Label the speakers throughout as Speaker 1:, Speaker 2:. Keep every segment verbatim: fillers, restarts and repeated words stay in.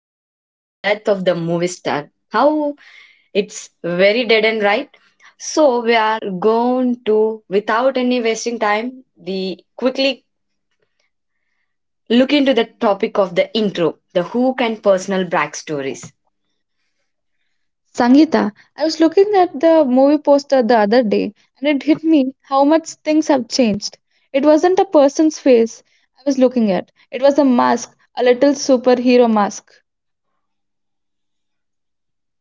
Speaker 1: topic, the death of the movie star. How it's very dead and right. So we are going to, without any wasting time, the quickly look into the topic of the intro, the who can personal backstories.
Speaker 2: Sangita, I was looking at the movie poster the other day and it hit me how much things have changed. It wasn't a person's face I was looking at, it was a mask, a little superhero mask.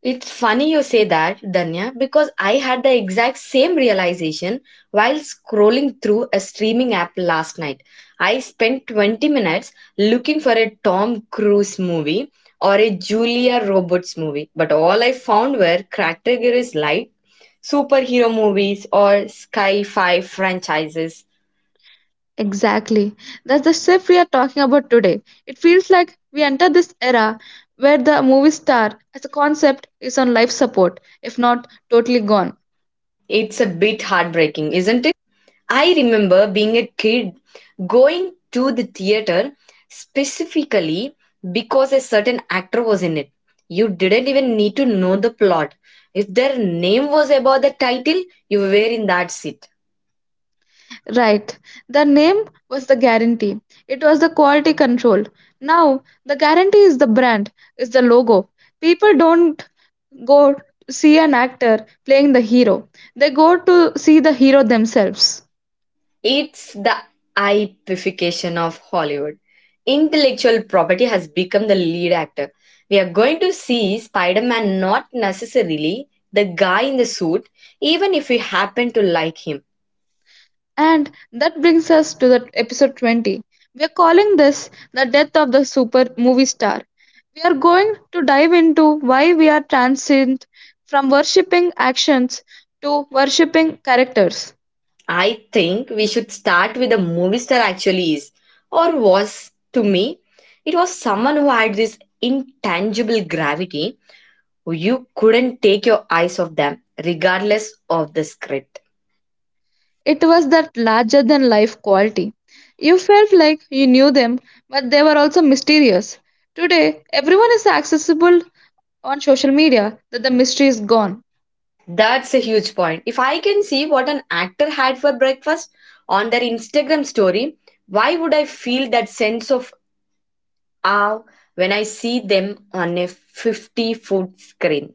Speaker 1: It's funny you say that, Danya, because I had the exact same realization while scrolling through a streaming app last night. I spent twenty minutes looking for a Tom Cruise movie or a Julia Roberts movie, but all I found were categories like superhero movies or sci fi franchises.
Speaker 2: Exactly. That's the shift we are talking about today. It feels like we enter this era where the movie star as a concept is on life support, if not totally gone.
Speaker 1: It's a bit heartbreaking, isn't I remember being a kid going to the theater specifically because a certain actor was in it. You didn't even need to know the plot. If their name was above the title, you were in that seat.
Speaker 2: Right. The name was the guarantee. It was the quality control. Now, the guarantee is the brand, is the logo. People don't go see an actor playing the hero, they go to see the hero themselves.
Speaker 1: It's the ipification of Hollywood. Intellectual property has become the lead actor. We are going to see Spider Man, not necessarily the guy in the suit, even if we happen to like him.
Speaker 2: And that brings us to the episode twenty. We are calling this the death of the super movie star. We are going to dive into why we are transient from worshipping actions to worshipping characters.
Speaker 1: I think we should start with a movie star actually is, or was to me. It was someone who had this intangible gravity. You couldn't take your eyes off them, regardless of the script.
Speaker 2: It was that larger than life quality. You felt like you knew them, but they were also mysterious. Today, everyone is accessible on social media that the mystery is gone.
Speaker 1: That's a huge point. If I can see what an actor had for breakfast on their Instagram story, why would I feel that sense of awe when I see them on a fifty foot screen?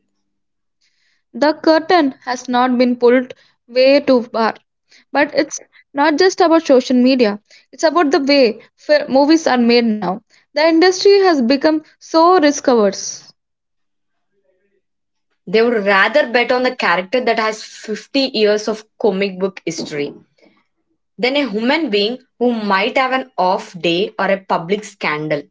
Speaker 2: The curtain has not been pulled way too far. But it's not just about social media, it's about the way fi- movies are made now. The industry has become so risk averse.
Speaker 1: They would rather bet on the character that has fifty years of comic book history than a human being who might have an off day or a public scandal.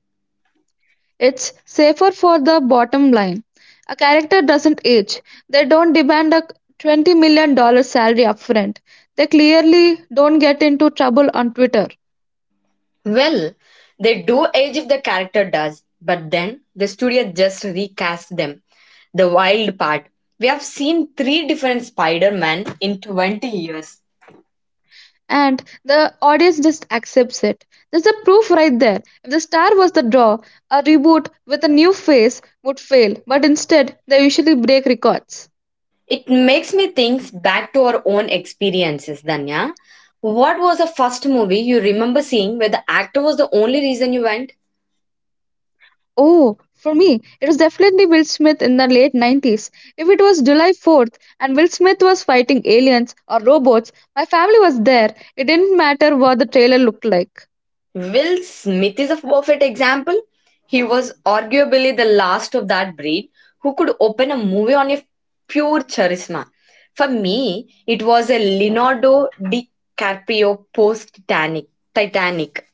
Speaker 2: It's safer for the bottom line. A character doesn't age. They don't demand a twenty million dollar salary upfront. They clearly don't get into trouble on Twitter.
Speaker 1: Well, they do age if the character does, but then the studio just recast them. The wild part we have seen three different Spider-Man in twenty years.
Speaker 2: And the audience just accepts it. There's the proof right there. If the star was the draw, a reboot with a new face would fail, but instead, they usually break records.
Speaker 1: It makes me think back to our own experiences, Danya. What was the first movie you remember seeing where the actor was the only reason you went?
Speaker 2: Oh, for me, it was definitely Will Smith in the late nineties. If it was July fourth and Will Smith was fighting aliens or robots, my family was there. It didn't matter what the trailer looked like.
Speaker 1: Will Smith is a perfect example. He was arguably the last of that breed who could open a movie on a pure charisma. For me, it was a Leonardo DiCaprio post Titanic. Titanic.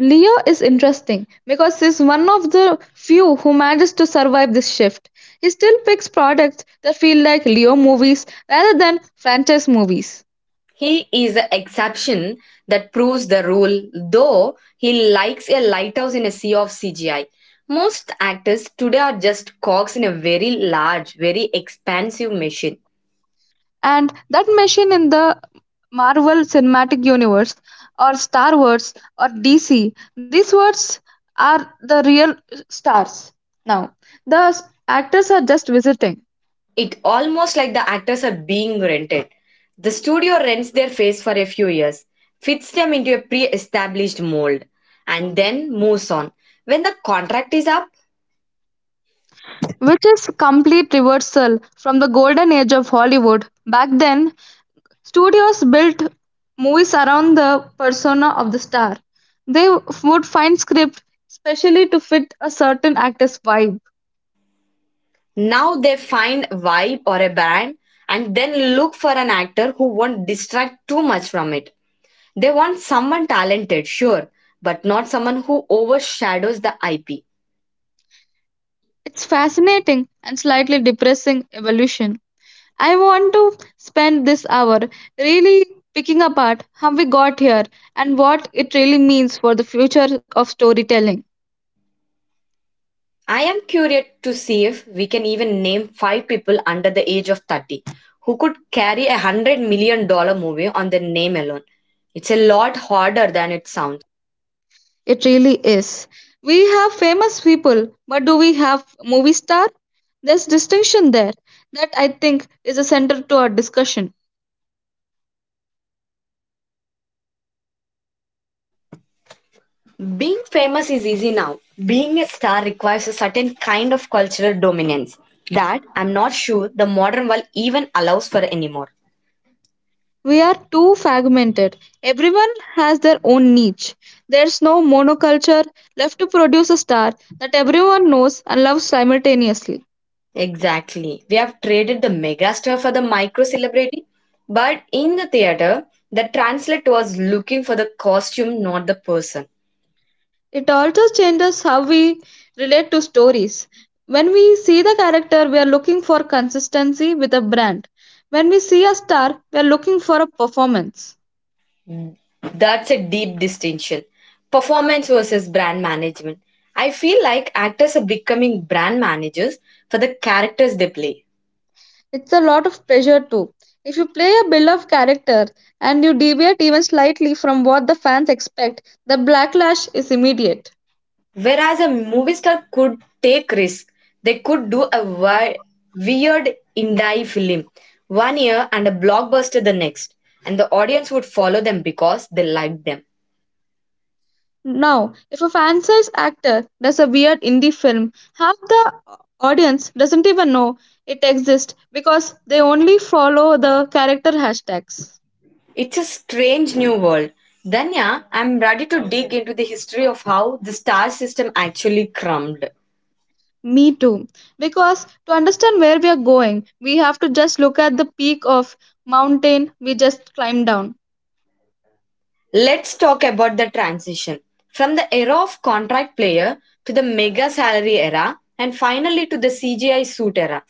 Speaker 2: Leo is interesting because he's one of the few who manages to survive this shift. He still picks products that feel like Leo movies rather than franchise movies.
Speaker 1: He is the exception that proves the rule, though he likes a lighthouse in a sea of C G I. Most actors today are just cogs in a very large, very expansive machine.
Speaker 2: And that machine in the Marvel Cinematic Universe or Star Wars or D C. These words are the real stars. Now, the s- actors are just visiting,
Speaker 1: It almost like the actors are being rented. The studio rents their face for a few years, fits them into a pre-established mold, and then moves on. When the contract is up,
Speaker 2: which is complete reversal from the golden age of Hollywood. Back then, studios built movies around the persona of the star. They w- would find script specially to fit a certain actor's vibe.
Speaker 1: now they find a vibe or a brand and then look for an actor who won't distract too much from it. They want someone talented, sure, but not someone who overshadows the I P.
Speaker 2: It's fascinating and slightly depressing evolution. I want to spend this hour really picking apart how we got here and what it really means for the future of storytelling.
Speaker 1: I am curious to see if we can even name five people under the age of thirty who could carry a hundred million dollar movie on their name alone. It's a lot harder than it sounds.
Speaker 2: It really is. We have famous people, but do we have movie star? There's distinction there that I think is a center to our discussion.
Speaker 1: Being famous is easy now. Being a star requires a certain kind of cultural dominance that I'm not sure the modern world even allows for anymore.
Speaker 2: We are too fragmented. Everyone has their own niche. There's no monoculture left to produce a star that everyone knows and loves simultaneously.
Speaker 1: Exactly. We have traded the megastar for the micro celebrity, but in the theater, the translate was looking for the costume, not the person.
Speaker 2: It also changes how we relate to stories. When we see the character, we are looking for consistency with a brand. When we see a star, we are looking for a performance.
Speaker 1: Mm. That's a deep distinction. Performance versus brand management. I feel like actors are becoming brand managers for the characters they play.
Speaker 2: It's a lot of pressure too. If you play a beloved character and you deviate even slightly from what the fans expect, the backlash is immediate.
Speaker 1: Whereas a movie star could take risks, they could do a wi- weird indie film one year and a blockbuster the next, and the audience would follow them because they liked them.
Speaker 2: Now, if a franchise actor does a weird indie film, half the audience doesn't even know it exists because they only follow the character hashtags.
Speaker 1: It's a strange new world. Danya, I'm ready to dig into the history of how the star system actually crumbed.
Speaker 2: Me too. Because to understand where we are going, we have to just look at the peak of mountain we just climbed down.
Speaker 1: Let's talk about the transition from the era of contract player to the mega salary era and finally to the C G I suit era.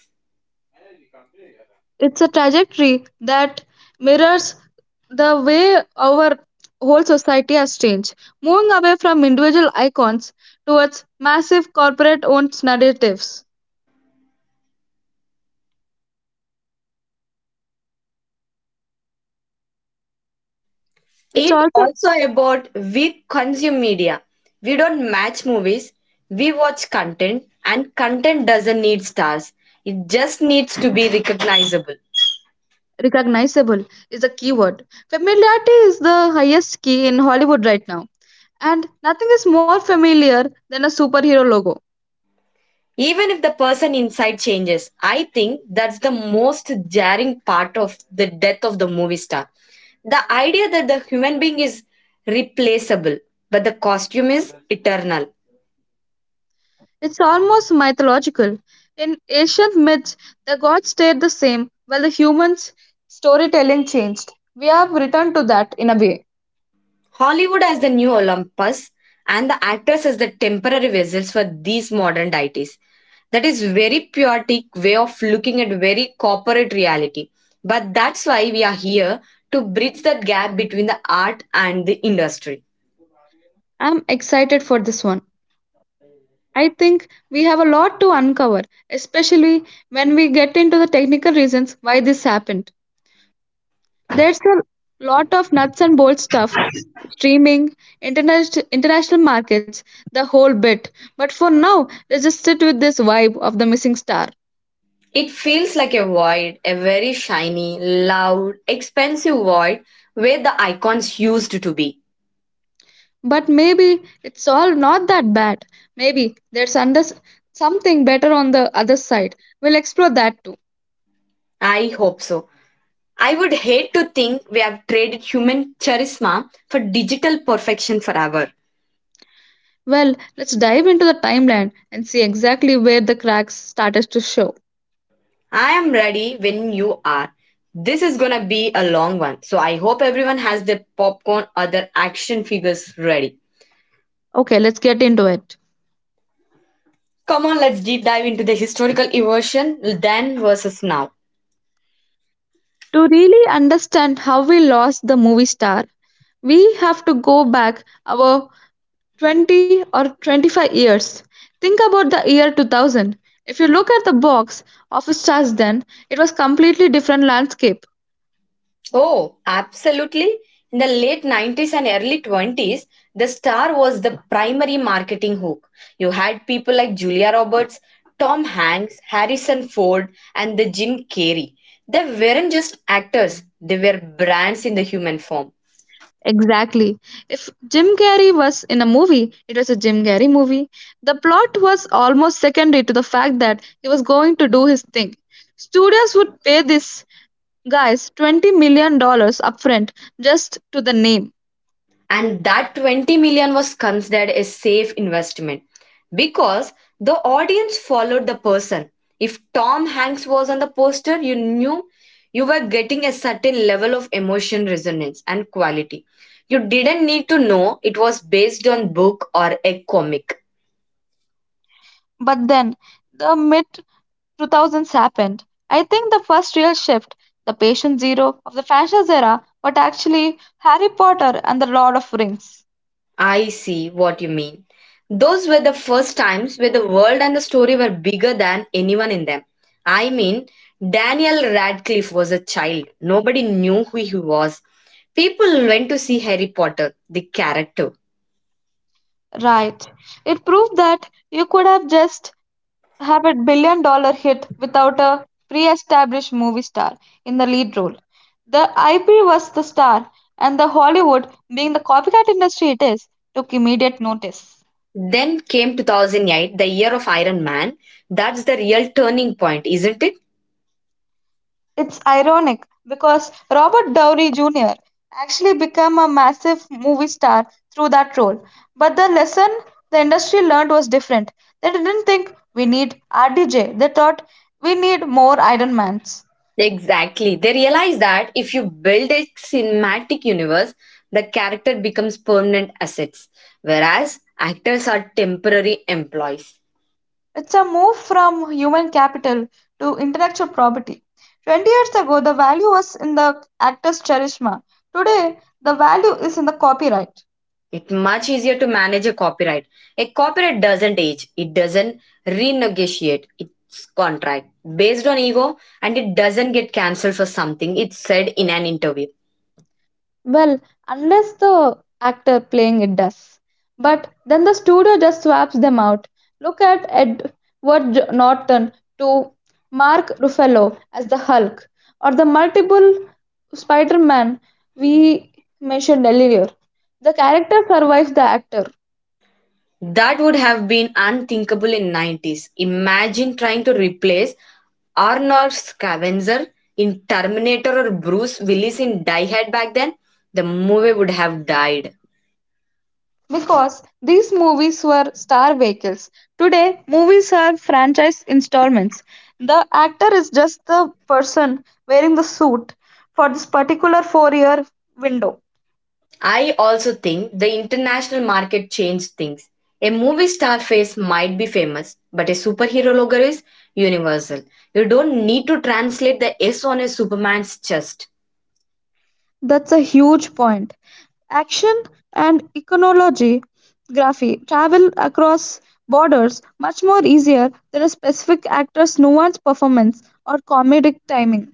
Speaker 2: It's a trajectory that mirrors the way our whole society has changed, moving away from individual icons towards massive corporate owned narratives. It's
Speaker 1: It
Speaker 2: also
Speaker 1: also about we consume media. We don't match movies, we watch content and content doesn't need stars. It just needs to be recognizable.
Speaker 2: recognizable is a keyword. Familiarity is the highest key in Hollywood right now, and nothing is more familiar than a superhero logo.
Speaker 1: Even if the person inside changes, I think that's the most jarring part of the death of the movie star, the idea that the human being is replaceable but the costume is eternal.
Speaker 2: It's almost mythological. In ancient myths, the gods stayed the same while the humans' storytelling changed. We have returned to that in a way.
Speaker 1: Hollywood as the new Olympus, and the actors as the temporary vessels for these modern deities. That is very chaotic way of looking at very corporate reality, but that's why we are here, to bridge that gap between the art and the industry.
Speaker 2: I'm excited for this one. I think we have a lot to uncover, especially when we get into the technical reasons why this happened. There's a lot of nuts and bolts stuff, streaming, internet, international markets, the whole bit. But for now, let's just sit with this vibe of the missing star.
Speaker 1: It feels like a void, a very shiny, loud, expensive void where the icons used to be.
Speaker 2: But maybe it's all not that bad. Maybe there's under something better on the other side. We'll explore that too.
Speaker 1: I hope so. I would hate to think we have traded human charisma for digital perfection forever.
Speaker 2: Well, let's dive into the timeline and see exactly where the cracks started to show.
Speaker 1: I am ready when you are. This is gonna be a long one, so I hope everyone has their popcorn or their action figures ready.
Speaker 2: Okay, let's get into it.
Speaker 1: Come on, let's deep dive into the historical evolution then versus now.
Speaker 2: To really understand how we lost the movie star, we have to go back about twenty or twenty-five years. Think about the year two thousand. If you look at the box office charts then, it was completely different landscape.
Speaker 1: Oh, absolutely. In the late nineties and early twenties, the star was the primary marketing hook. You had people like Julia Roberts, Tom Hanks, Harrison Ford, and the Jim Carrey. They weren't just actors, they were brands in the human form.
Speaker 2: Exactly. If Jim Carrey was in a movie, it was a Jim Carrey movie. The plot was almost secondary to the fact that he was going to do his thing. Studios would pay these guys twenty million dollars upfront just to the name.
Speaker 1: And that twenty million was considered a safe investment, because the audience followed the person. If Tom Hanks was on the poster, you knew you were getting a certain level of emotion resonance and quality. You didn't need to know it was based on book or a comic.
Speaker 2: But then the mid two thousands happened. I think the first real shift, the patient zero of the franchise era, but actually Harry Potter and the Lord of Rings.
Speaker 1: I see what you mean. Those were the first times where the world and the story were bigger than anyone in them. I mean, Daniel Radcliffe was a child. Nobody knew who he was. People went to see Harry Potter, the character.
Speaker 2: Right. It proved that you could have just have a billion dollar hit without a pre established movie star in the lead role. The I P was the star, and the Hollywood, being the copycat industry it is, took immediate notice.
Speaker 1: Then came two thousand eight, the year of Iron Man. That's the real turning point, isn't it?
Speaker 2: It's ironic because Robert Downey Junior actually became a massive movie star through that role. But the lesson the industry learned was different. They didn't think we need R D J, they thought we need more Iron Mans.
Speaker 1: Exactly. They realize that if you build a cinematic universe, the character becomes permanent assets, whereas actors are temporary employees.
Speaker 2: It's a move from human capital to intellectual property. twenty years ago, the value was in the actor's charisma. Today, the value is in the copyright.
Speaker 1: It's much easier to manage a copyright. A copyright doesn't age, it doesn't renegotiate its contract based on ego, and it doesn't get cancelled for something it said in an interview.
Speaker 2: Well, unless the actor playing it does. But then the studio just swaps them out. Look at Edward J- Norton to Mark Ruffalo as the Hulk, or the multiple Spider Man we mentioned earlier. The character survives the actor.
Speaker 1: That would have been unthinkable in nineties. Imagine trying to replace Arnold Scavenger in Terminator or Bruce Willis in Die Hard back then. The movie would have died.
Speaker 2: Because these movies were star vehicles. Today, movies are franchise installments. The actor is just the person wearing the suit for this particular four year window.
Speaker 1: I also think the international market changed things. A movie star face might be famous, but a superhero logo is universal. You don't need to translate the S on a Superman's chest.
Speaker 2: That's a huge point. Action and iconology graphy travel across borders much more easier than a specific actor's nuanced performance or comedic timing.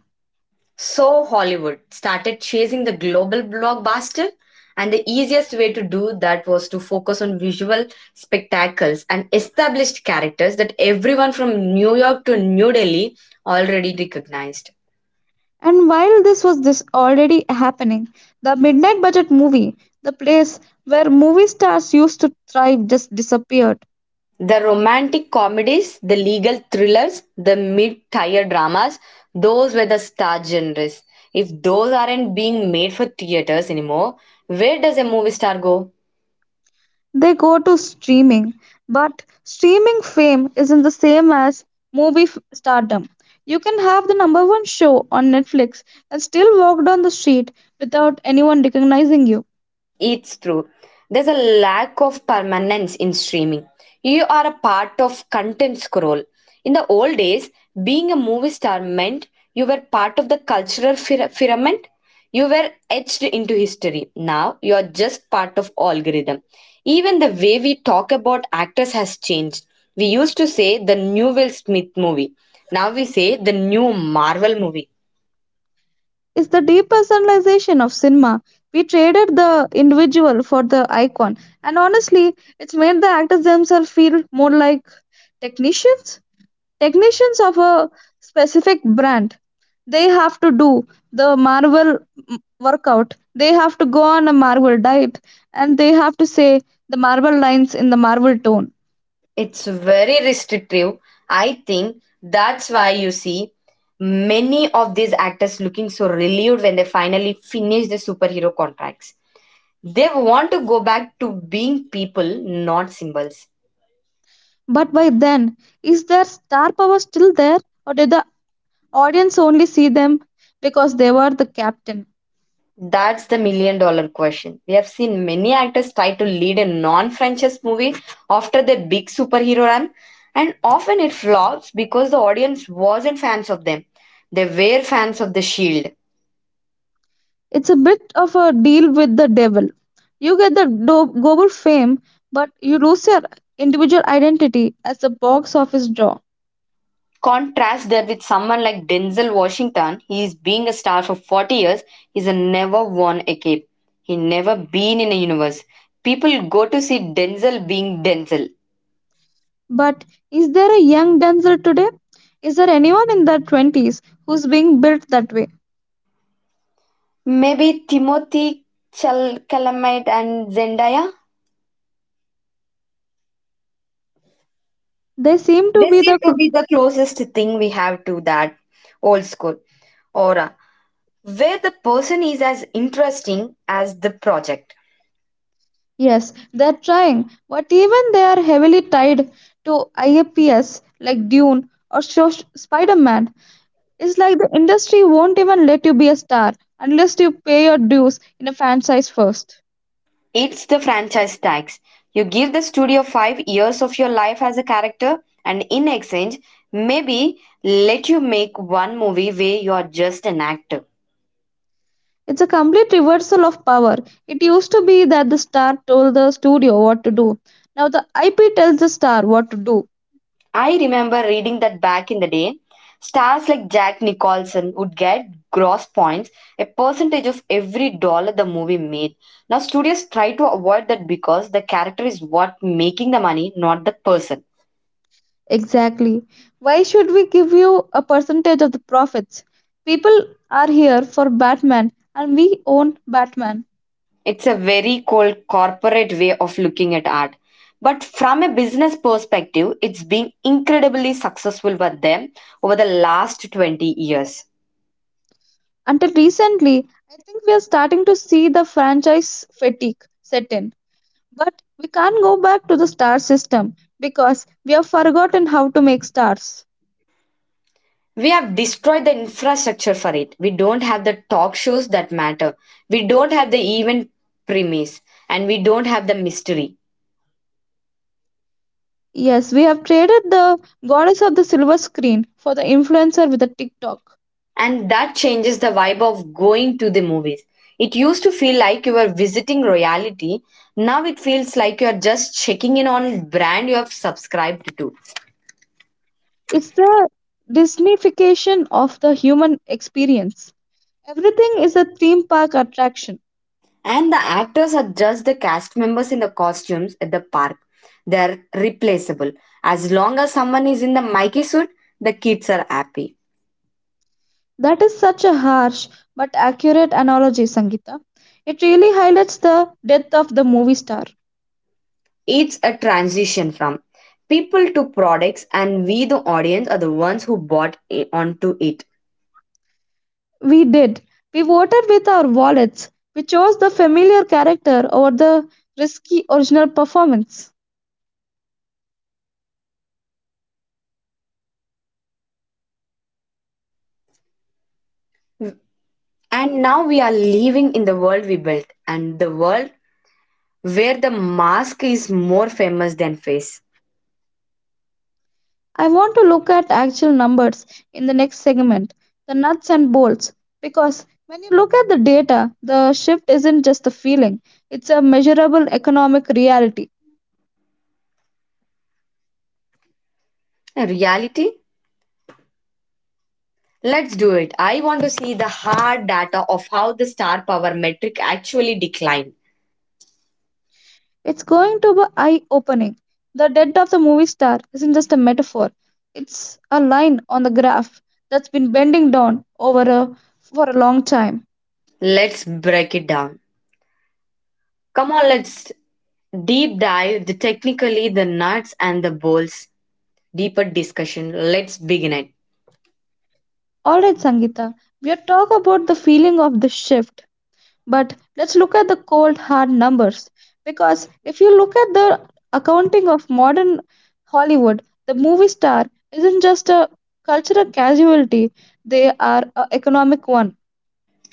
Speaker 1: So Hollywood started chasing the global blockbuster, and the easiest way to do that was to focus on visual spectacles and established characters that everyone from New York to New Delhi already recognized.
Speaker 2: And while this was this already happening, the midnight budget movie, the place where movie stars used to thrive, just disappeared.
Speaker 1: The romantic comedies, the legal thrillers, the mid tier dramas, those were the star genres. If those aren't being made for theaters anymore, where does a movie star go?
Speaker 2: They go to streaming, but streaming fame isn't the same as movie f- stardom. You can have the number one show on Netflix and still walk down the street without anyone recognizing you.
Speaker 1: It's true. There's a lack of permanence in streaming. You are a part of content scroll. In the old days, being a movie star meant you were part of the cultural fir- firmament. You were etched into history. Now you are just part of algorithm. Even the way we talk about actors has changed. We used to say the new Will Smith movie. Now we say the new Marvel movie.
Speaker 2: It's the depersonalization of cinema. We traded the individual for the icon, and honestly, it's made the actors themselves feel more like technicians technicians of a specific brand. They have to do the marvel mm, workout, they have to go on a marvel diet, and they have to say the marvel lines in the marvel tone.
Speaker 1: It's very restrictive. I think that's why you see many of these actors looking so relieved when they finally finish their superhero contracts. They want to go back to being people, not symbols.
Speaker 2: But by then, is their star power still there, or did the audience only see them because they were the captain?
Speaker 1: That's the million dollar question. We have seen many actors try to lead a non franchise movie after their big superhero run, and often it flops because the audience wasn't fans of them. They were fans of The Shield.
Speaker 2: It's a bit of a deal with the devil. You get the do- global fame, but you lose your individual identity as a box office draw.
Speaker 1: Contrast that with someone like Denzel Washington, he is being a star for forty years, he's a never won a cape. He never been in a universe. People go to see Denzel being Denzel.
Speaker 2: But is there a young dancer today? Is there anyone in their twenties who's being built that way?
Speaker 1: Maybe Timothy Chal- Chalamet and Zendaya?
Speaker 2: They seem to
Speaker 1: They
Speaker 2: be
Speaker 1: seem
Speaker 2: the. Cr-
Speaker 1: to be the closest thing we have to that old school aura, where the person is as interesting as the project.
Speaker 2: Yes, they're trying, but even they are heavily tied to I A P S like Dune or Spider Man. It's like the industry won't even let you be a star unless you pay your dues in a fan size first.
Speaker 1: It's the franchise tax. You give the studio five years of your life as a character, and in exchange, maybe let you make one movie where you are just an actor.
Speaker 2: It's a complete reversal of power. It used to be that the star told the studio what to do. Now the I P tells the star what to do.
Speaker 1: I remember reading that back in the day. Stars like Jack Nicholson would get gross points, a percentage of every dollar the movie made. Now, studios try to avoid that because the character is what making the money, not the person.
Speaker 2: Exactly. Why should we give you a percentage of the profits? People are here for Batman and we own Batman.
Speaker 1: It's a very cold corporate way of looking at art. But from a business perspective, it's been incredibly successful for them over the last twenty years.
Speaker 2: Until recently, I think we are starting to see the franchise fatigue set in. But we can't go back to the star system because we have forgotten how to make stars.
Speaker 1: We have destroyed the infrastructure for it. We don't have the talk shows that matter. We don't have the event premise. And we don't have the mystery.
Speaker 2: Yes, we have traded the goddess of the silver screen for the influencer with the TikTok.
Speaker 1: And that changes the vibe of going to the movies. It used to feel like you were visiting royalty. Now it feels like you're just checking in on brand you have subscribed to.
Speaker 2: It's the Disneyfication of the human experience. Everything is a theme park attraction.
Speaker 1: And the actors are just the cast members in the costumes at the park. They're replaceable. As long as someone is in the Mikey suit, the kids are happy.
Speaker 2: That is such a harsh but accurate analogy, Sangeeta. It really highlights the death of the movie star.
Speaker 1: It's a transition from people to products, and we, the audience, are the ones who bought i- onto it.
Speaker 2: We did. We voted with our wallets. We chose the familiar character over the risky original performance.
Speaker 1: And now we are living in the world we built, and the world where the mask is more famous than face.
Speaker 2: I want to look at actual numbers in the next segment, the nuts and bolts, because when you look at the data, the shift isn't just a feeling, it's a measurable economic reality.
Speaker 1: A reality Let's do it. I want to see the hard data of how the star power metric actually declined.
Speaker 2: It's going to be eye opening. The death of the movie star isn't just a metaphor, it's a line on the graph that's been bending down over a, for a long time.
Speaker 1: Let's break it down. Come on, let's deep dive the technically the nuts and the bolts deeper discussion. Let's begin it.
Speaker 2: Alright, Sangita, we have talked about the feeling of the shift, but let's look at the cold hard numbers. Because if you look at the accounting of modern Hollywood, the movie star isn't just a cultural casualty, they are an economic one.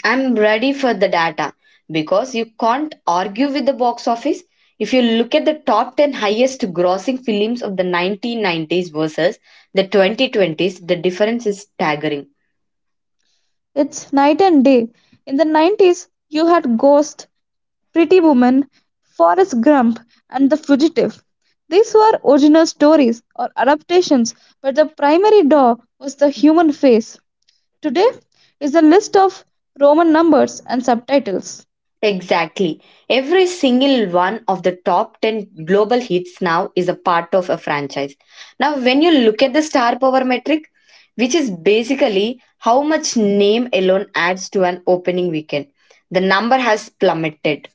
Speaker 1: I'm ready for the data because you can't argue with the box office. If you look at the top ten highest grossing films of the nineteen nineties versus the twenty twenties, the difference is staggering.
Speaker 2: It's night and day. In the nineties, you had Ghost, Pretty Woman, Forrest Gump, and The Fugitive. These were original stories or adaptations, but the primary draw was the human face. Today is a list of Roman numbers and subtitles.
Speaker 1: Exactly. Every single one of the top ten global hits now is a part of a franchise. Now, when you look at the star power metric, which is basically how much name alone adds to an opening weekend, the number has plummeted.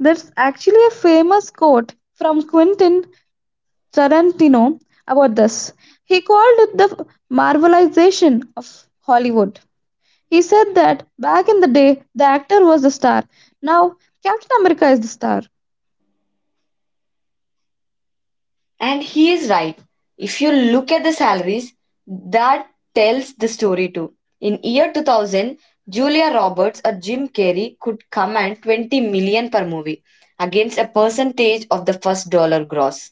Speaker 2: There's actually a famous quote from Quentin Tarantino about this. He called it the marvelization of Hollywood. He said that back in the day, the actor was the star. Now, Captain America is the star.
Speaker 1: And he is right. If you look at the salaries, that tells the story too. In year two thousand, Julia Roberts or Jim Carrey could command twenty million per movie against a percentage of the first dollar gross.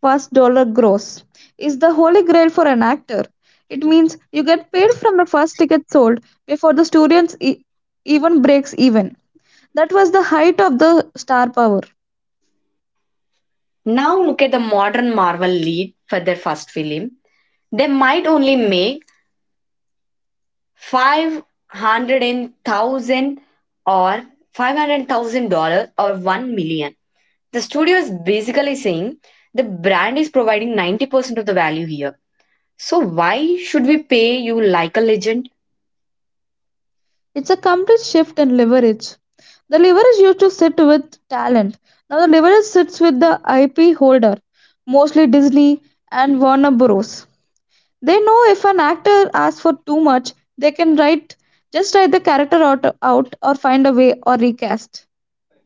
Speaker 2: First dollar gross is the holy grail for an actor. It means you get paid from the first ticket sold before the students e- even breaks even. That was the height of the star power.
Speaker 1: Now look at the modern Marvel lead for their first film. They might only make five hundred and thousand or five hundred thousand dollars or one million. The studio is basically saying the brand is providing ninety percent of the value here. So why should we pay you like a legend?
Speaker 2: It's a complete shift in leverage. The leverage used to sit with talent. Now the leverage sits with the I P holder, mostly Disney and Warner Bros. They know if an actor asks for too much, they can write just write the character out, out or find a way or recast.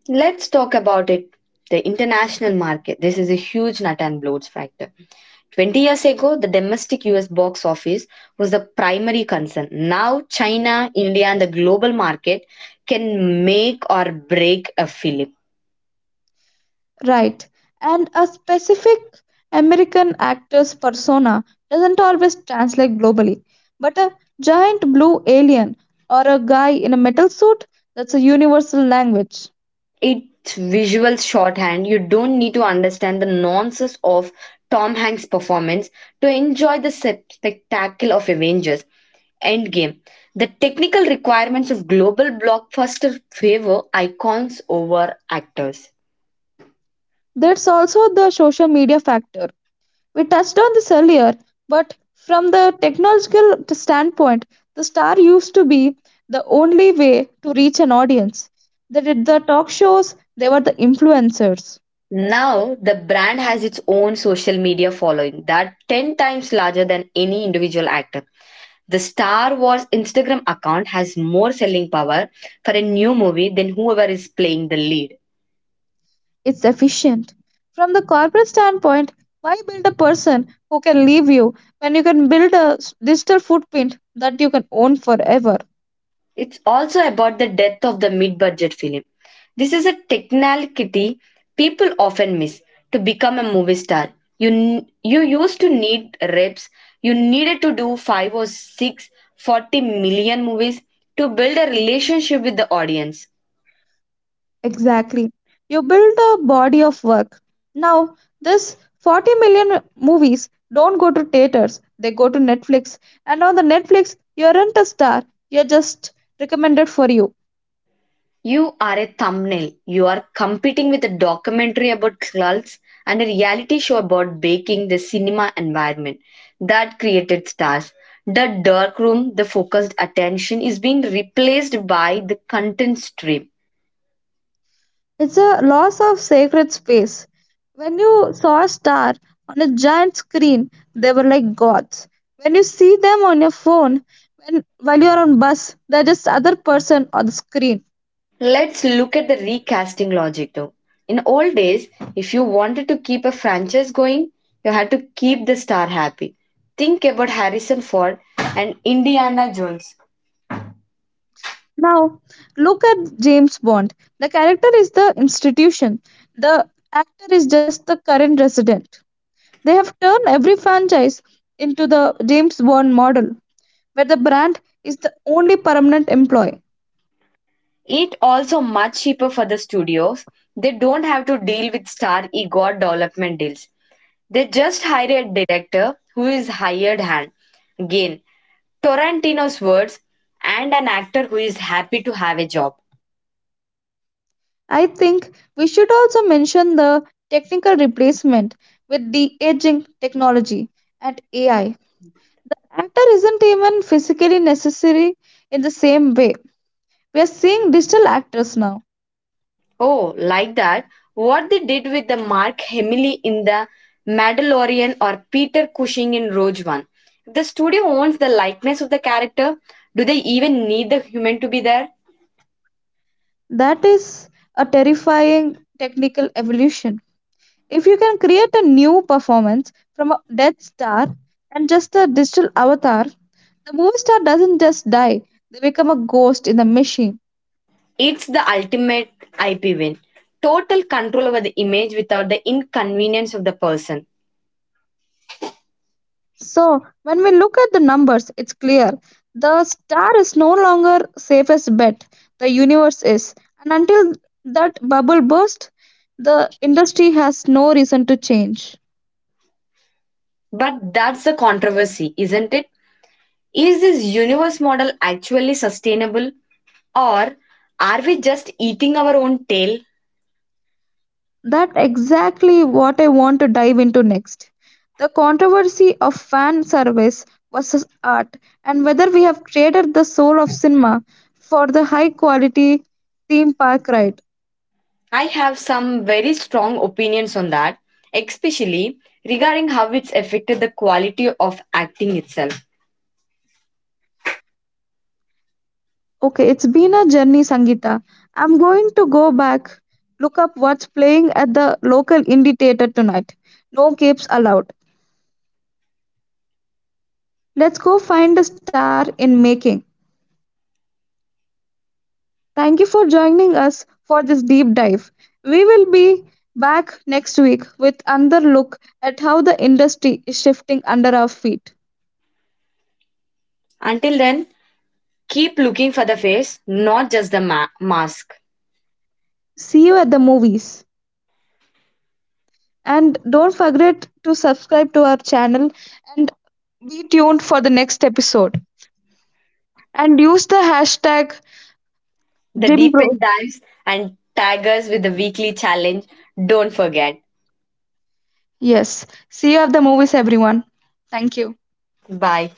Speaker 1: Let's talk about it. The international market. This is a huge nut and bolts factor. twenty years ago, the domestic U S box office was the primary concern. Now, China, India, and the global market can make or break a film.
Speaker 2: Right. And a specific American actor's persona doesn't always translate globally. But a giant blue alien or a guy in a metal suit, that's a universal language.
Speaker 1: It's visual shorthand. You don't need to understand the nonsense of Tom Hanks' performance to enjoy the sep- spectacle of Avengers Endgame. The technical requirements of global blockbuster favor icons over actors.
Speaker 2: There's also the social media factor. We touched on this earlier, but from the technological t- standpoint, the star used to be the only way to reach an audience. They did the talk shows, they were the influencers.
Speaker 1: Now, the brand has its own social media following that ten times larger than any individual actor. The Star Wars Instagram account has more selling power for a new movie than whoever is playing the lead.
Speaker 2: It's efficient. From the corporate standpoint, why build a person who can leave you when you can build a s- digital footprint that you can own forever?
Speaker 1: It's also about the death of the mid budget film. This is a technicality people often miss. To become a movie star, you, n- you used to need reps, you needed to do five or six forty million movies to build a relationship with the audience.
Speaker 2: Exactly. You build a body of work. Now, this forty million movies don't go to theaters, they go to Netflix. And on the Netflix, you aren't a star, you're just recommended for you.
Speaker 1: You are a thumbnail. You are competing with a documentary about cults and a reality show about baking the cinema environment that created stars. The dark room, the focused attention is being replaced by the content stream.
Speaker 2: It's a loss of sacred space. When you saw a star on a giant screen, they were like gods. When you see them on your phone, when, while you're on bus, they're just other person on the screen.
Speaker 1: Let's look at the recasting logic though. In old days, if you wanted to keep a franchise going, you had to keep the star happy. Think about Harrison Ford and Indiana Jones.
Speaker 2: Now, look at James Bond. The character is the institution, the actor is just the current resident. They have turned every franchise into the James Bond model, where the brand is the only permanent employee.
Speaker 1: It also much cheaper for the studios. They don't have to deal with star ego or development deals. They just hire a director who is hired hand. Again, Tarantino's words and an actor who is happy to have a job.
Speaker 2: I think we should also mention the technical replacement with the aging technology and A I. Actor isn't even physically necessary in the same way. We are seeing digital actors now.
Speaker 1: Oh, like that. What they did with the Mark Hamill in the Mandalorian or Peter Cushing in Rogue One. If the studio owns the likeness of the character, do they even need the human to be there?
Speaker 2: That is a terrifying technical evolution. If you can create a new performance from a dead star and just a digital avatar, the movie star doesn't just die, they become a ghost in the machine.
Speaker 1: It's the ultimate I P win. Total control over the image without the inconvenience of the person.
Speaker 2: So, when we look at the numbers, it's clear the star is no longer safest bet, the universe is. And until that bubble bursts, the industry has no reason to change.
Speaker 1: But that's the controversy, isn't it? Is this universe model actually sustainable or are we just eating our own tail?
Speaker 2: That exactly what I want to dive into next. The controversy of fan service versus art and whether we have traded the soul of cinema for the high quality theme park ride.
Speaker 1: I have some very strong opinions on that, especially regarding how it's affected the quality of acting itself.
Speaker 2: Okay, it's been a journey, Sangita. I'm going to go back, look up what's playing at the local indie theater tonight. No capes allowed. Let's go find a star in making. Thank you for joining us for this deep dive. We will be back next week with another look at how the industry is shifting under our feet.
Speaker 1: Until then, keep looking for the face, not just the ma- mask.
Speaker 2: See you at the movies. And don't forget to subscribe to our channel and be tuned for the next episode. And use the hashtag
Speaker 1: The deep
Speaker 2: Jimbro.
Speaker 1: end dives, and tag us with the weekly challenge. Don't forget.
Speaker 2: Yes. See you at the movies, everyone. Thank you.
Speaker 1: Bye.